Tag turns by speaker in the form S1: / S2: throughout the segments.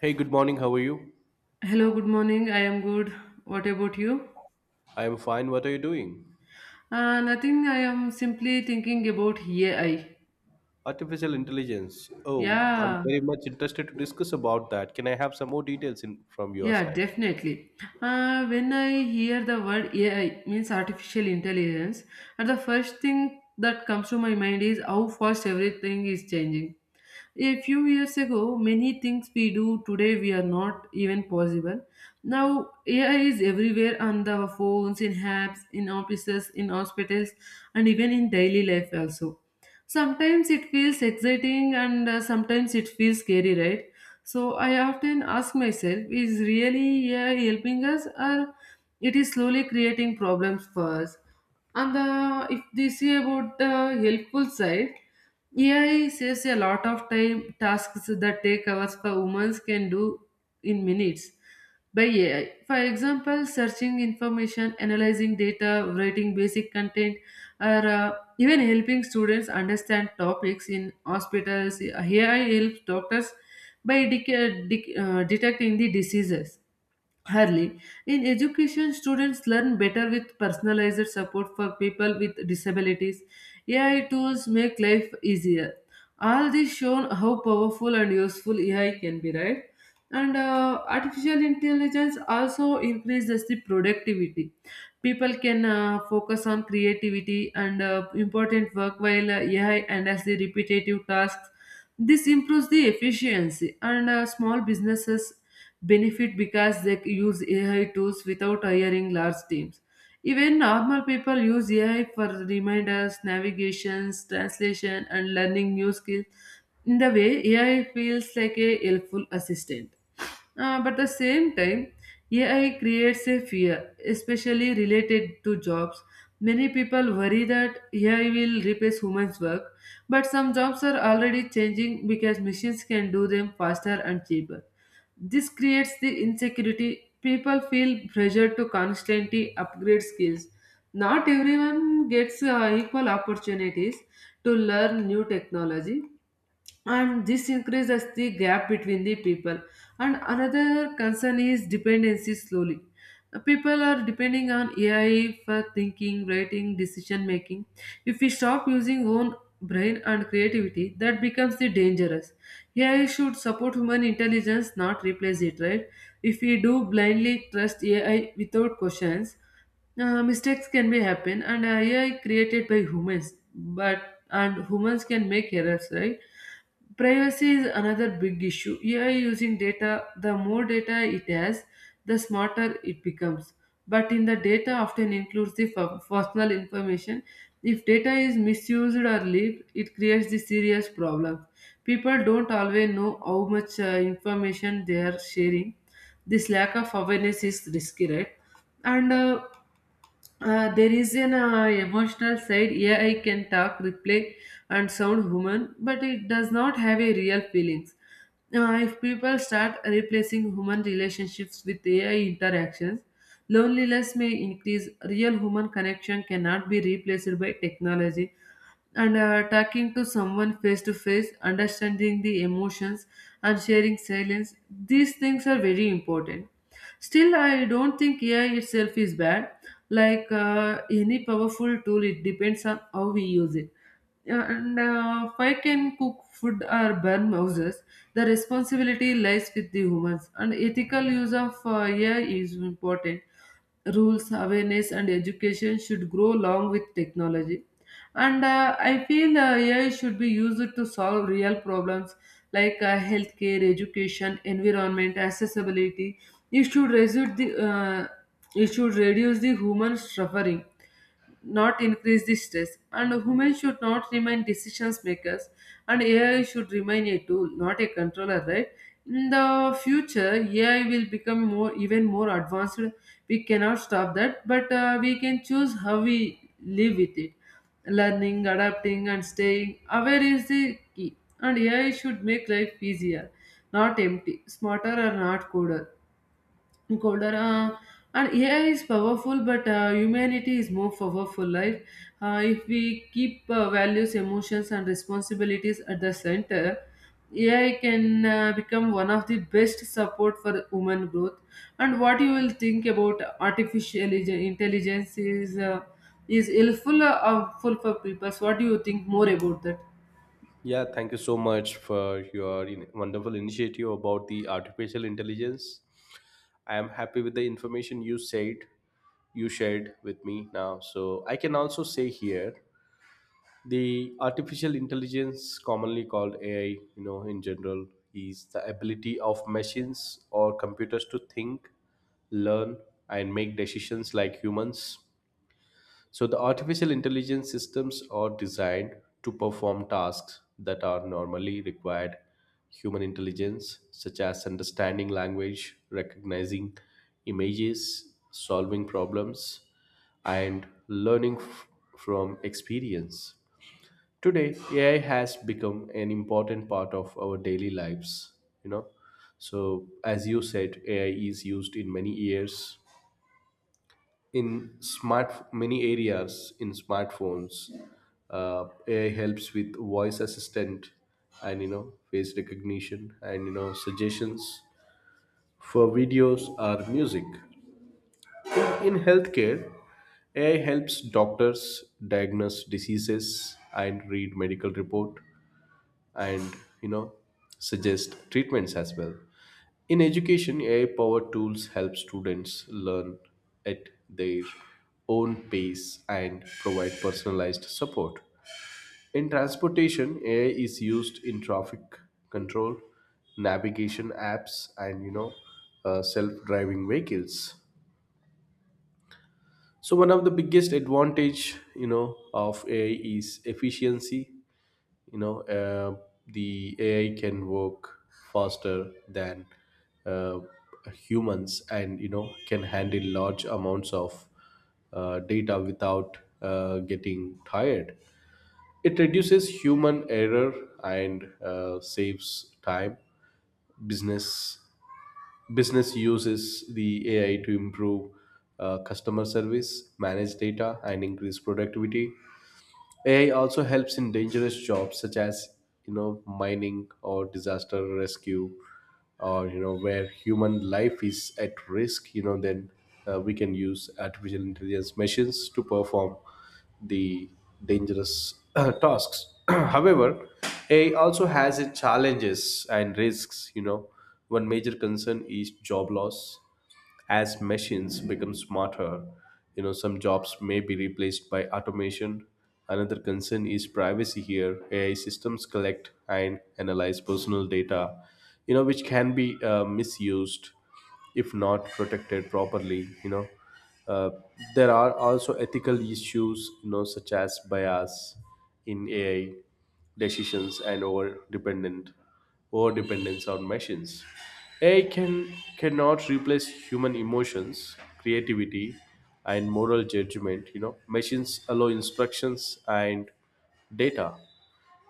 S1: Hey, good morning. How are you?
S2: Hello, good morning. I am good. What about you?
S1: I am fine. What are you doing?
S2: Nothing. I am simply thinking about AI.
S1: Artificial intelligence. Oh, I'm
S2: Yeah,
S1: very much interested to discuss about that. Can I have some more details in from your
S2: yeah,
S1: side?
S2: definitely. When I hear the word AI, means artificial intelligence, and the first thing that comes to my mind is how fast everything is changing. A few years ago, many things we do today we are not even possible. Now AI is everywhere on our phones, in apps, in offices, in hospitals, and even in daily life also. Sometimes it feels exciting and sometimes it feels scary, right? So I often ask myself, is really AI helping us or it is slowly creating problems for us? And if they say about the helpful side, AI saves a lot of time. Tasks that take hours for women can do in minutes by AI. For example, searching information, analyzing data, writing basic content, or even helping students understand topics in hospitals. AI helps doctors by detecting the diseases hardly. In education, students learn better with personalized support for people with disabilities. AI tools make life easier. All this shown how powerful and useful AI can be, right? And artificial intelligence also increases the productivity. People can focus on creativity and important work while AI handles the repetitive tasks. This improves the efficiency, and small businesses benefit because they use AI tools without hiring large teams. Even normal people use AI for reminders, navigations, translation, and learning new skills. In the way, AI feels like a helpful assistant. But at the same time, AI creates a fear, especially related to jobs. Many people worry that AI will replace humans' work, but some jobs are already changing because machines can do them faster and cheaper. This creates the insecurity. People feel pressure to constantly upgrade skills. Not everyone gets equal opportunities to learn new technology, and this increases the gap between the people. And another concern is dependency slowly. People are depending on AI for thinking, writing, decision making. If we stop using own brain and creativity, that becomes the dangerous. AI should support human intelligence, not replace it, right? If we do blindly trust AI without questions, mistakes can be happen. And AI created by humans, but and humans can make errors, right? Privacy is another big issue. AI using data, the more data it has, the smarter it becomes, but in the data often includes the personal information. If data is misused or leaked, it creates the serious problem. People don't always know how much information they are sharing. This lack of awareness is risky, right? And uh, uh, there is an uh, emotional side. AI can talk, reply, and sound human, but it does not have a real feelings. If people start replacing human relationships with AI interactions, loneliness may increase, real human connection cannot be replaced by technology. And talking to someone face to face, understanding the emotions, and sharing silence, these things are very important. Still, I don't think AI itself is bad. Like any powerful tool, it depends on how we use it. Yeah, and if I can cook food or burn houses, the responsibility lies with the humans. And ethical use of AI is important. Rules, awareness, and education should grow along with technology. And I feel AI should be used to solve real problems like healthcare, education, environment, accessibility. It should reduce the human suffering, not increase the stress. And humans should not remain decisions makers, and AI should remain a tool, not a controller, right? In the future, AI will become more even more advanced. We cannot stop that, but we can choose how we live with it. Learning, adapting, and staying aware is the key. And AI should make life easier, not empty, smarter, or not colder. And AI is powerful, but humanity is more powerful, right? Uh, if we keep values, emotions, and responsibilities at the center, AI can become one of the best support for human growth. And what you will think about intelligence is helpful, helpful for people? So what do you think more about that?
S1: Yeah, thank you so much for your wonderful initiative about the artificial intelligence. I am happy with the information you shared with me now. So I can also say here the artificial intelligence, commonly called AI, you know, in general, is the ability of machines or computers to think, learn, and make decisions like humans. So the artificial intelligence systems are designed to perform tasks that are normally required human intelligence, such as understanding language, recognizing images, solving problems, and learning from experience. Today, AI has become an important part of our daily lives, you know. So, as you said, AI is used in many areas, in smartphones. AI helps with voice assistant, and, you know, face recognition, and, you know, suggestions for videos or music. In healthcare, AI helps doctors diagnose diseases and read medical report and, you know, suggest treatments as well. In education, ai powered tools help students learn at their own pace and provide personalized support. In transportation, AI is used in traffic control, navigation apps, and, you know, self-driving vehicles. So one of the biggest advantage, you know, of AI is efficiency. You know, the AI can work faster than uh, humans, and, you know, can handle large amounts of data without getting tired. It reduces human error, and saves time. Business business uses the AI to improve customer service, manage data, and increase productivity. AI also helps in dangerous jobs, such as, you know, mining or disaster rescue, or, you know, where human life is at risk. You know, then we can use artificial intelligence machines to perform the dangerous tasks. However, AI also has its challenges and risks. You know, one major concern is job loss. As machines become smarter, you know, some jobs may be replaced by automation. Another concern is privacy here. AI systems collect and analyze personal data, you know, which can be misused if not protected properly, you know. Uh, there are also ethical issues, you know, such as bias in AI decisions, and over dependence on machines. AI cannot replace human emotions, creativity, and moral judgment. You know, machines allow instructions and data,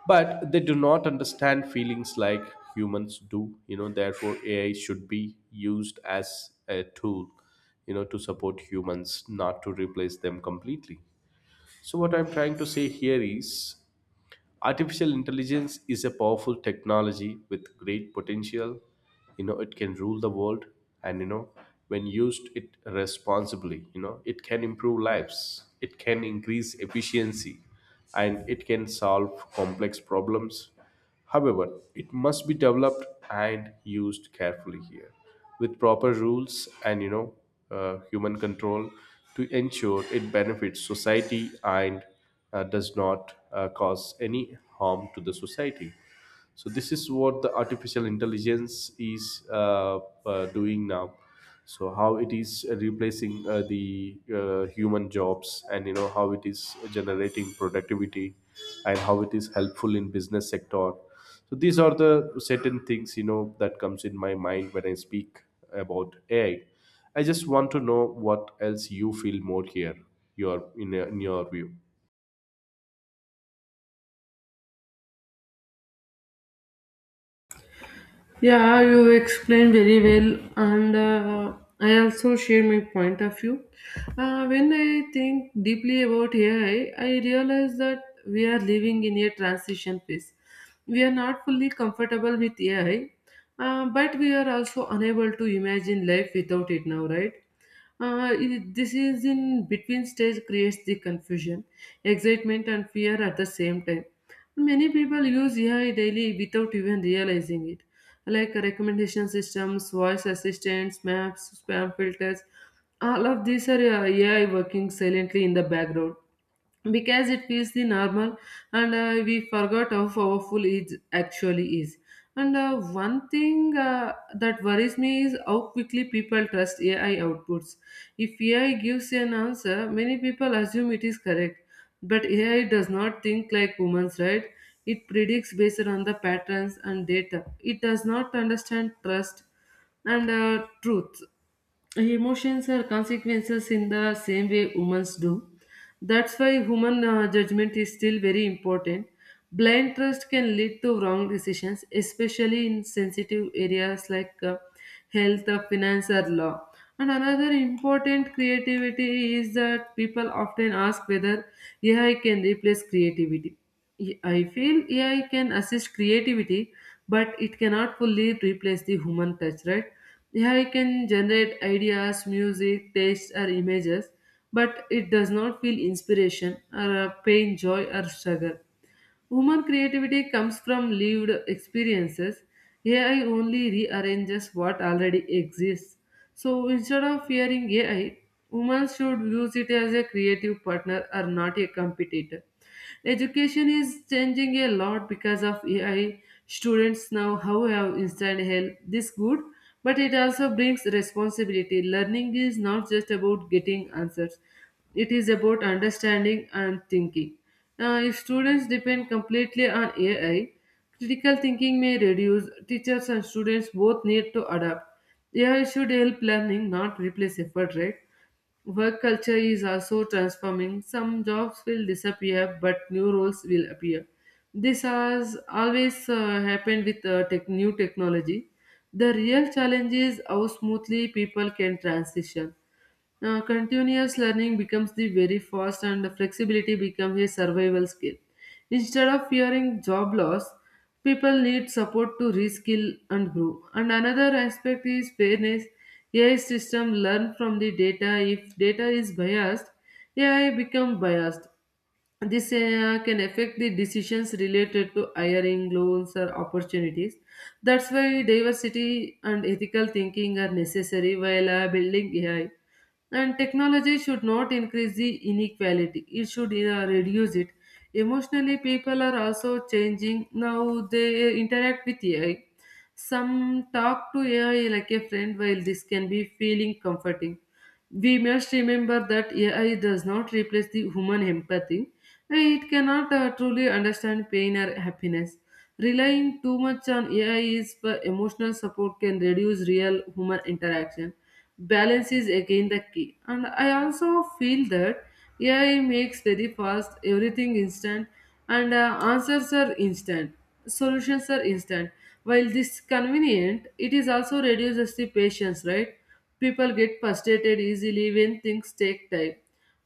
S1: but they do not understand feelings like humans do. You know, therefore, AI should be used as a tool, you know, to support humans, not to replace them completely. So what I'm trying to say here is artificial intelligence is a powerful technology with great potential. You know, it can rule the world, and, you know, when used it responsibly, you know, it can improve lives, it can increase efficiency, and it can solve complex problems. However, it must be developed and used carefully here, with proper rules and, you know, human control to ensure it benefits society and does not cause any harm to the society. So this is what the artificial intelligence is doing now. So how it is replacing the human jobs, and, you know, how it is generating productivity, and how it is helpful in business sector. So these are the certain things, you know, that comes in my mind when I speak about AI. I just want to know what else you feel more here, your in your view.
S2: Yeah, you explained very well, and I also share my point of view. When I think deeply about AI, I realize that we are living in a transition phase. We are not fully comfortable with AI, but we are also unable to imagine life without it now, right? This is in between stage creates the confusion, excitement, and fear at the same time. Many people use AI daily without even realizing it, like recommendation systems, voice assistants, maps, spam filters. All of these are AI working silently in the background because it feels the normal, and we forgot how powerful it actually is. And one thing that worries me is how quickly people trust AI outputs. If AI gives an answer, many people assume it is correct, but AI does not think like humans, right? It predicts based on the patterns and data. It does not understand trust and truth. Emotions are consequences in the same way humans do. That's why human judgment is still very important. Blind trust can lead to wrong decisions, especially in sensitive areas like health, finance, or law. And another important creativity is that people often ask whether AI can replace creativity. I feel AI can assist creativity, but it cannot fully replace the human touch, right? AI can generate ideas, music, text, or images, but it does not feel inspiration or pain, joy, or struggle. Human creativity comes from lived experiences. AI only rearranges what already exists. So instead of fearing AI, women should use it as a creative partner or not a competitor. Education is changing a lot because of AI. Students now how have instant help. This good, but it also brings responsibility. Learning is not just about getting answers. It is about understanding and thinking. If students depend completely on AI, critical thinking may reduce. Teachers and students both need to adapt. AI should help learning, not replace effort, right? Work culture is also transforming. Some jobs will disappear, but new roles will appear. This has always happened with new technology. The real challenge is how smoothly people can transition. Continuous learning becomes the very fast and the flexibility becomes a survival skill. Instead of fearing job loss, people need support to reskill and grow. And another aspect is fairness. AI system learn from the data. If data is biased, AI become biased. This can affect the decisions related to hiring, loans, or opportunities. That's why diversity and ethical thinking are necessary while building AI. And technology should not increase the inequality, it should reduce it. Emotionally, people are also changing now they interact with AI. Some talk to AI like a friend, while this can be feeling comforting, we must remember that AI does not replace the human empathy. It cannot truly understand pain or happiness. Relying too much on AI is for emotional support can reduce real human interaction. Balance is again the key. And I also feel that AI makes very fast, everything instant, and answers are instant, solutions are instant. While this convenient, it is also reduces the patience, right? People get frustrated easily when things take time.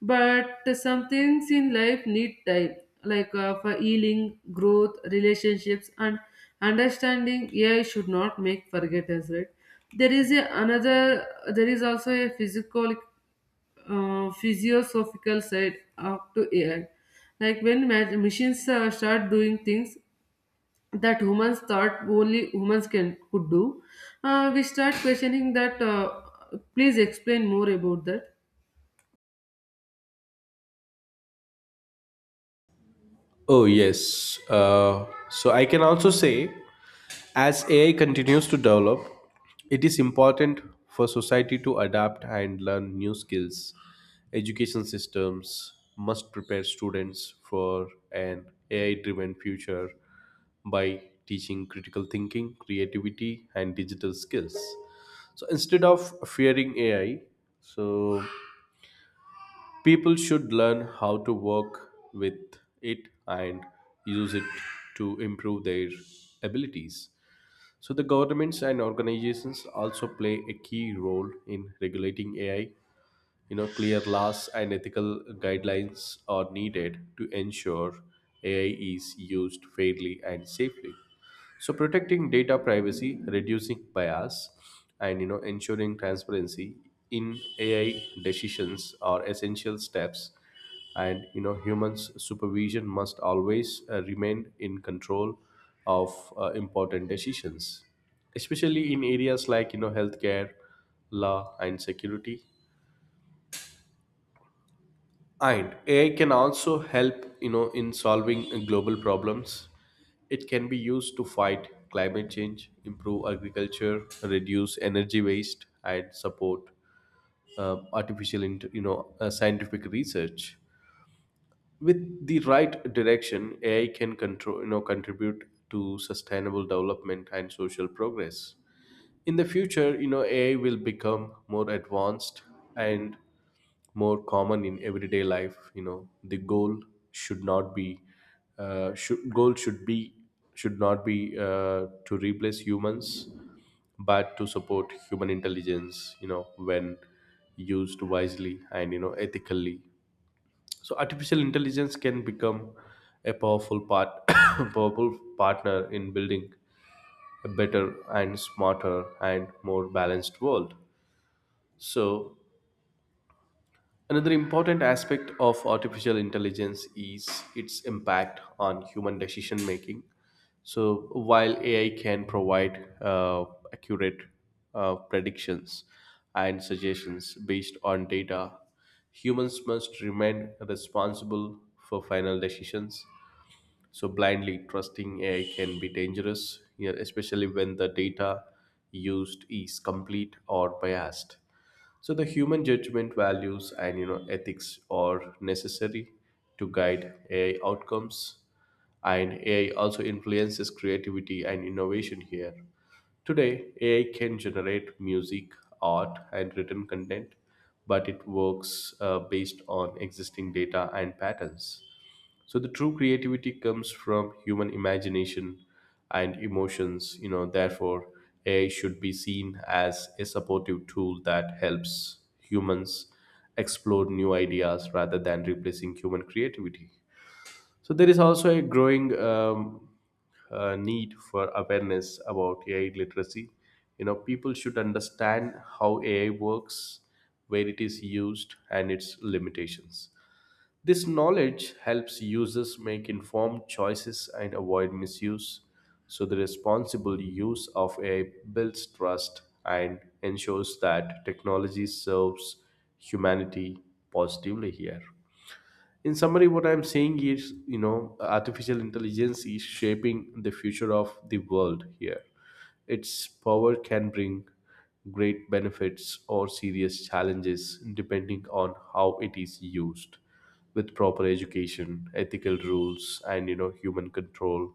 S2: But some things in life need time, like for healing, growth, relationships, and understanding. AI should not make forget us, right? There is a another. There is also a physical, physiosophical side up to AI. Like when machines start doing things, that humans thought only humans can could do, we start questioning that. Please explain more about that.
S1: Oh, yes. Uh, so I can also say, as AI continues to develop, it is important for society to adapt and learn new skills. Education systems must prepare students for an AI driven future by teaching critical thinking, creativity, and digital skills. So instead of fearing AI, so people should learn how to work with it and use it to improve their abilities. So the governments and organizations also play a key role in regulating AI. You know, clear laws and ethical guidelines are needed to ensure AI is used fairly and safely. So protecting data privacy, reducing bias, and, you know, ensuring transparency in AI decisions are essential steps. And, you know, humans supervision must always remain in control of important decisions, especially in areas like, you know, healthcare, law, and security. And AI can also help, you know, in solving global problems. It can be used to fight climate change, improve agriculture, reduce energy waste, and support you know, scientific research. With the right direction, AI can control, you know, contribute to sustainable development and social progress. In the future, you know, AI will become more advanced and more common in everyday life. You know, the goal should not be, should goal should be should not be to replace humans, but to support human intelligence. You know, when used wisely and, you know, ethically, so artificial intelligence can become a powerful part powerful partner in building a better and smarter and more balanced world. So another important aspect of artificial intelligence is its impact on human decision making. So, while AI can provide accurate predictions and suggestions based on data, humans must remain responsible for final decisions. So, blindly trusting AI can be dangerous, you especially when the data used is complete or biased. So the human judgment, values, and, you know, ethics are necessary to guide AI outcomes. And AI also influences creativity and innovation here. Today, AI can generate music, art, and written content, but it works based on existing data and patterns. So the true creativity comes from human imagination and emotions. You know, therefore, AI should be seen as a supportive tool that helps humans explore new ideas rather than replacing human creativity. So there is also a growing need for awareness about AI literacy. You know, people should understand how AI works, where it is used, and its limitations. This knowledge helps users make informed choices and avoid misuse. So the responsible use of AI builds trust and ensures that technology serves humanity positively here. In summary, what I'm saying is, you know, artificial intelligence is shaping the future of the world here. Its power can bring great benefits or serious challenges depending on how it is used. With proper education, ethical rules, and, you know, human control,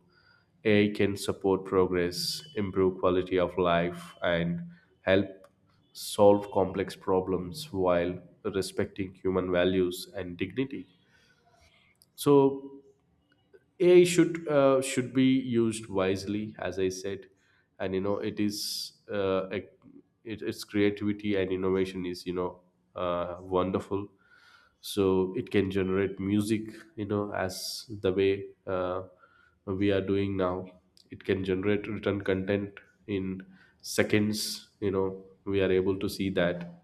S1: AI can support progress, improve quality of life, and help solve complex problems while respecting human values and dignity. So AI should be used wisely, as I said. And, you know, it is its creativity and innovation is, you know, wonderful. So it can generate music, you know, as the way we are doing now. It can generate written content in seconds. You know, we are able to see that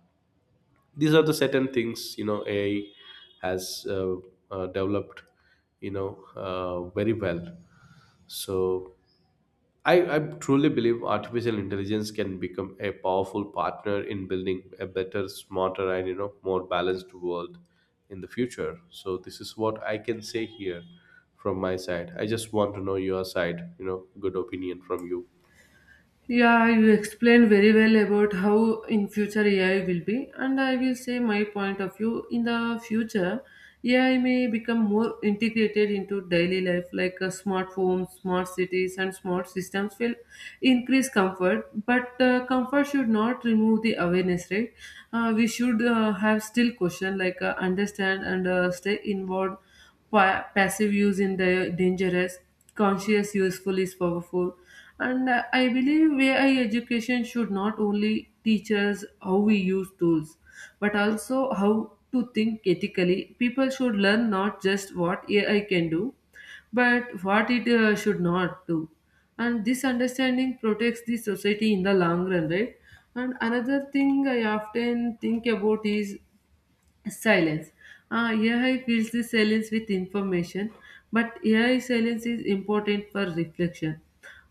S1: these are the certain things, you know, AI has developed, you know, very well. So I truly believe artificial intelligence can become a powerful partner in building a better, smarter, and, you know, more balanced world in the future. So this is what I can say here from my side. I just want to know your side. You know, good opinion from you.
S2: Yeah, you explained very well about how in future AI will be, and I will say my point of view. In the future, AI may become more integrated into daily life, like smart homes, smart cities, and smart systems will increase comfort. But comfort should not remove the awareness, right? We should have still question like understand and stay involved. Passive use in the dangerous, conscious useful is powerful, and I believe AI education should not only teach us how we use tools, but also how to think ethically. People should learn not just what AI can do, but what it should not do. And this understanding protects the society in the long run, right? And another thing I often think about is silence. AI fills the silence with information, but AI silence is important for reflection.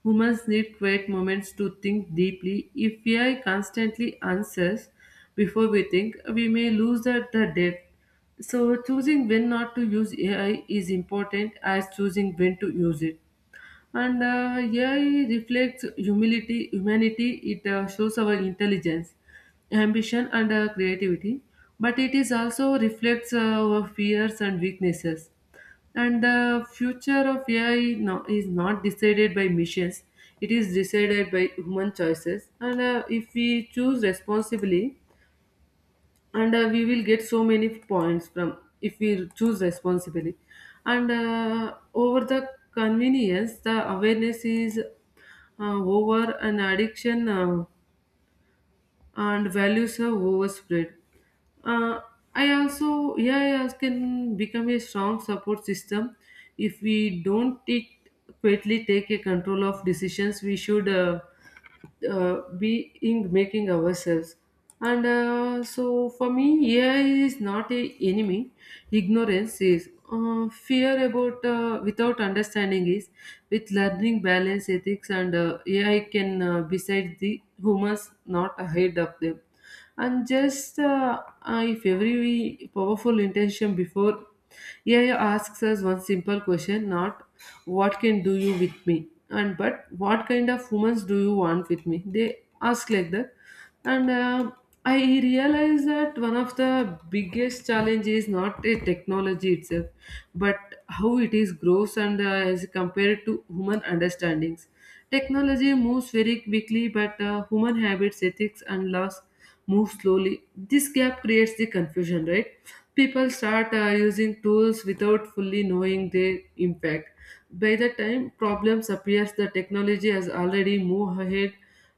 S2: Humans need quiet moments to think deeply. If AI constantly answers before we think, we may lose the depth. So, choosing when not to use AI is important as choosing when to use it and AI reflects humility, humanity. It shows our intelligence, ambition, and creativity. But it is also reflects our fears and weaknesses. And the future of AI no, is not decided by missions. It is decided by human choices. And If we choose responsibly, and we will get so many points from if we choose responsibly and over the convenience the awareness is over an addiction and values are overspread uh, I also yeah, I can become a strong support system if we don't it quietly take a control of decisions we should being making ourselves and so for me ai is not a enemy ignorance is fear about without understanding is with learning balance ethics and ai can beside the humans not ahead of them and just if every powerful intention before AI asks us one simple question, not what can do you with me, and but what kind of humans do you want with me? They ask like that, and I realize that one of the biggest challenge is not a technology itself, but how it is grows and is compared to human understandings. Technology moves very quickly, but human habits, ethics, and laws move slowly. This gap creates the confusion, right? People start using tools without fully knowing their impact. By the time problems appears, the technology has already moved ahead,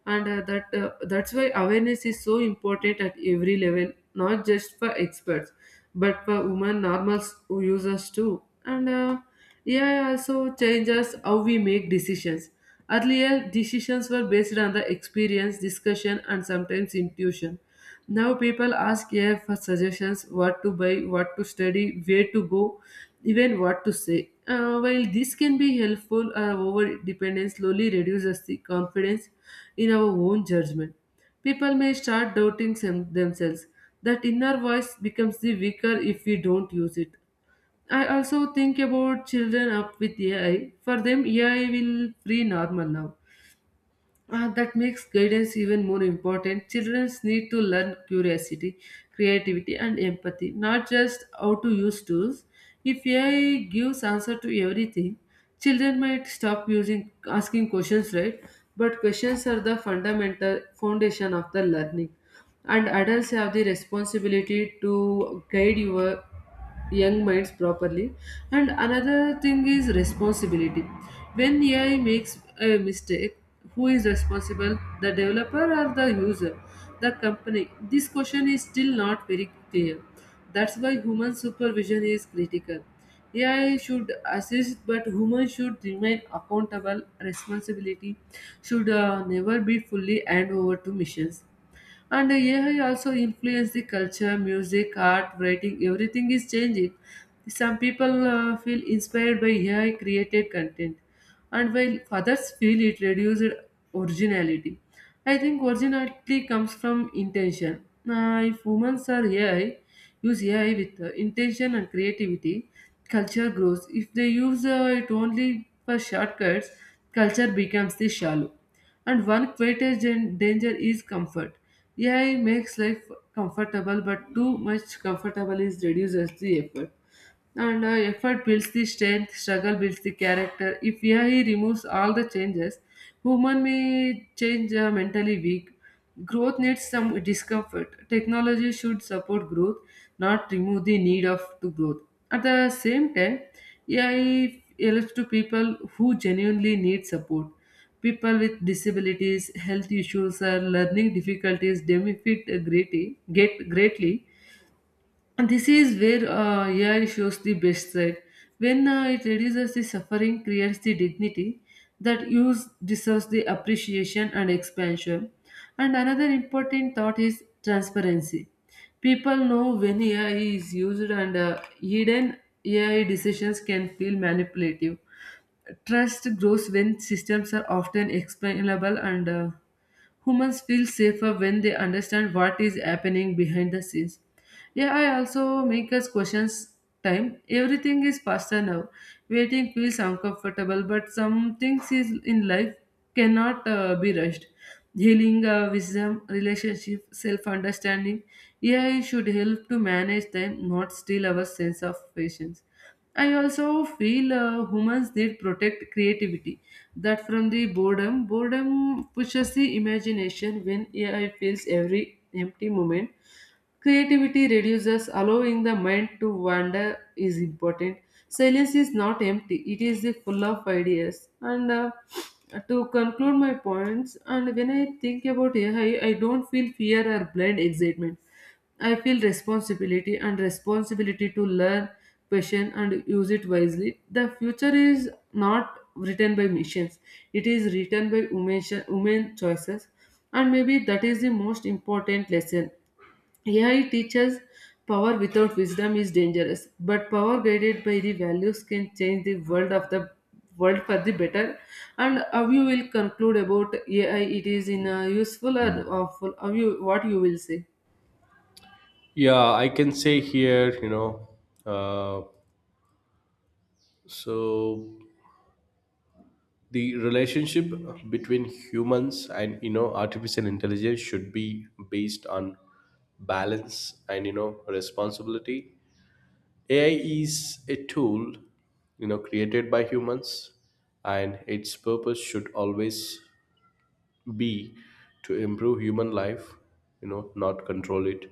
S2: and that's why awareness is so important at every level, not just for experts, but for women normal users too. And AI also changes how we make decisions. Earlier, decisions were based on the experience, discussion, and sometimes intuition. Now, people ask AI for suggestions what to buy, what to study, where to go, even what to say. While this can be helpful, our over dependence slowly reduces the confidence in our own judgment. People may start doubting themselves. That inner voice becomes the weaker if we don't use it. I also think about children up with AI. For them, AI will free normal now. That makes guidance even more important. Children need to learn curiosity, creativity, and empathy, not just how to use tools. If AI gives answer to everything, children might stop using asking questions, right? But questions are the fundamental foundation of the learning, and adults have the responsibility to guide your young minds properly. And another thing is responsibility. When ai makes a mistake, who is responsible, the developer or the user, the company? This question is still not very clear. That's why human supervision is critical. Ai should assist but human should remain accountable responsibility should never be fully hand over to machines. And the AI also influences the culture, music, art, writing, everything is changing. Some people feel inspired by AI created content, and while others feel it reduces originality. I think originality comes from intention. Now, if humans are AI, use AI with intention and creativity, culture grows. If they use it only for shortcuts, culture becomes the shallow. And one greatest danger is comfort. AI makes life comfortable, but too much comfortable is reduces the effort. And Effort builds the strength, struggle builds the character. If AI removes all the changes, human may change mentally weak. Growth needs some discomfort. Technology should support growth, not remove the need of to growth. At the same time, AI helps to people who genuinely need support. People with disabilities, health issues, or learning difficulties benefit greatly, get greatly, and this is where AI shows the best side. When it reduces the suffering, creates the dignity that use deserves the appreciation and expansion. And another important thought is transparency. People know when AI is used, and hidden AI decisions can feel manipulative. Trust grows when systems are often explainable and humans feel safer when they understand what is happening behind the scenes. AI also makes us question time. Everything is faster now. Waiting feels uncomfortable, but some things is in life cannot be rushed. Healing, wisdom, relationship, self understanding. AI should help to manage time, not steal our sense of patience. I also feel humans need protect creativity that from the boredom. Boredom pushes the imagination when ai fills every empty moment. Creativity reduces, allowing the mind to wander is important. Silence is not empty, it is the full of ideas. And To conclude my points, and when I think about AI, I don't feel fear or blind excitement. I feel responsibility and responsibility to learn, passion, and use it wisely. The future is not written by machines, it is written by women, women choices. And maybe that is the most important lesson. AI teaches power without wisdom is dangerous, but power guided by the values can change the world of the world for the better. And how you will conclude about AI? It is in a useful or awful. How you what you will say?
S1: Yeah, I can say here. You know, uh, so the relationship between humans and, you know, artificial intelligence should be based on balance and, you know, responsibility. AI is a tool, you know, created by humans, and its purpose should always be to improve human life, you know, not control it.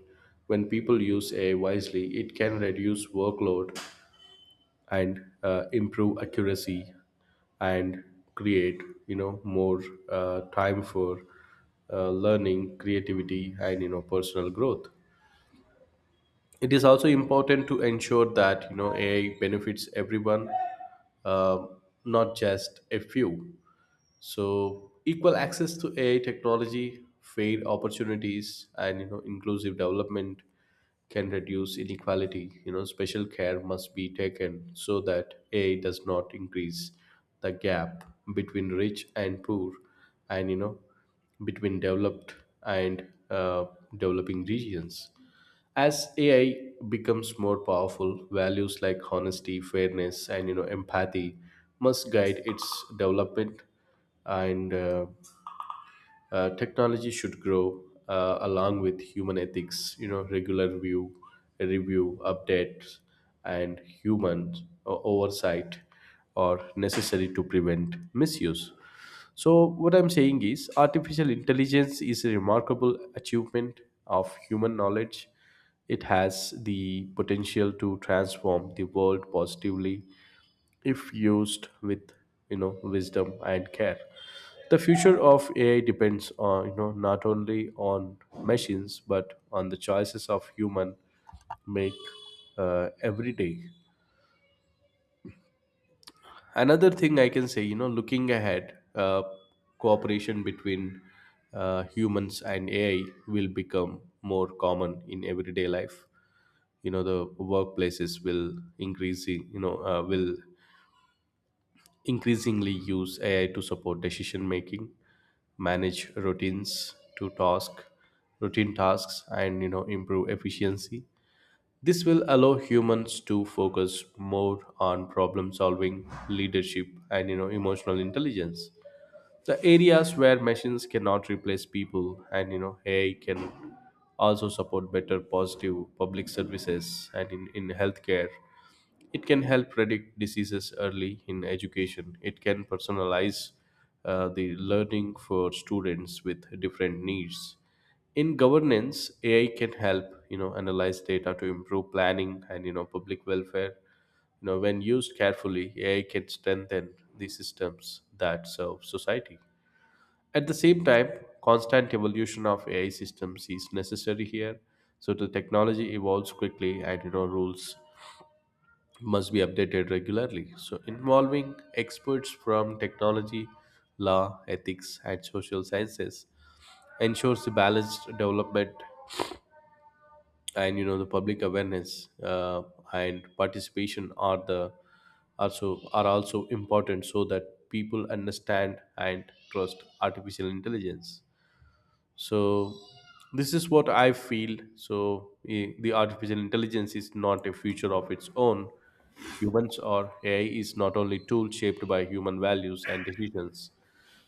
S1: When people use AI wisely, it can reduce workload, and improve accuracy, and create, you know, more time for learning, creativity, and, you know, personal growth. It is also important to ensure that, you know, AI benefits everyone, uh, not just a few. So equal access to AI technology, fair opportunities, and, you know, inclusive development can reduce inequality. You know, special care must be taken so that AI does not increase the gap between rich and poor, and, you know, between developed and developing regions. As AI becomes more powerful, values like honesty, fairness, and, you know, empathy must guide its development. And technology should grow along with human ethics. You know, regular view review, updates, and human oversight are necessary to prevent misuse. So what I'm saying is artificial intelligence is a remarkable achievement of human knowledge. It has the potential to transform the world positively if used with, you know, wisdom and care. The future of AI depends on, you know, not only on machines but on the choices of human make every day. Another thing I can say, you know, looking ahead, cooperation between humans and AI will become more common in everyday life. You know, the workplaces will increase. You know will increasingly use AI to support decision making, manage routine tasks, and, you know, improve efficiency. This will allow humans to focus more on problem solving, leadership, and, you know, emotional intelligence, the areas where machines cannot replace people. And, you know, AI can also support better positive public services. And in healthcare, it can help predict diseases early. In education, it can personalize the learning for students with different needs. In governance, AI can help, you know, analyze data to improve planning and, you know, public welfare. You know, when used carefully, AI can strengthen the systems that serve society. At the same time, constant evolution of AI systems is necessary here. So the technology evolves quickly, and, you know, rules must be updated regularly. So involving experts from technology, law, ethics, and social sciences ensures the balanced development. And, you know, the public awareness and participation are the also are also important so that people understand and trust artificial intelligence. So this is what I feel. So the artificial intelligence is not a future of its own. Humans or AI is not only tool shaped by human values and decisions.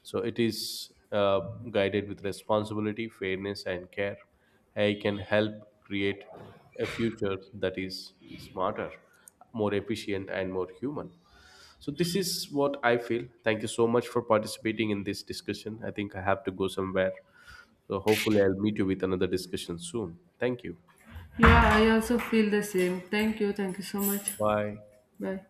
S1: So it is, guided with responsibility, fairness, and care, AI can help create a future that is smarter, more efficient, and more human. So this is what I feel. Thank you so much for participating in this discussion. I think I have to go somewhere, so hopefully I'll meet you with another discussion soon. Thank you.
S2: Yeah, I also feel the same. Thank you. Thank you so much.
S1: Bye.
S2: Bye.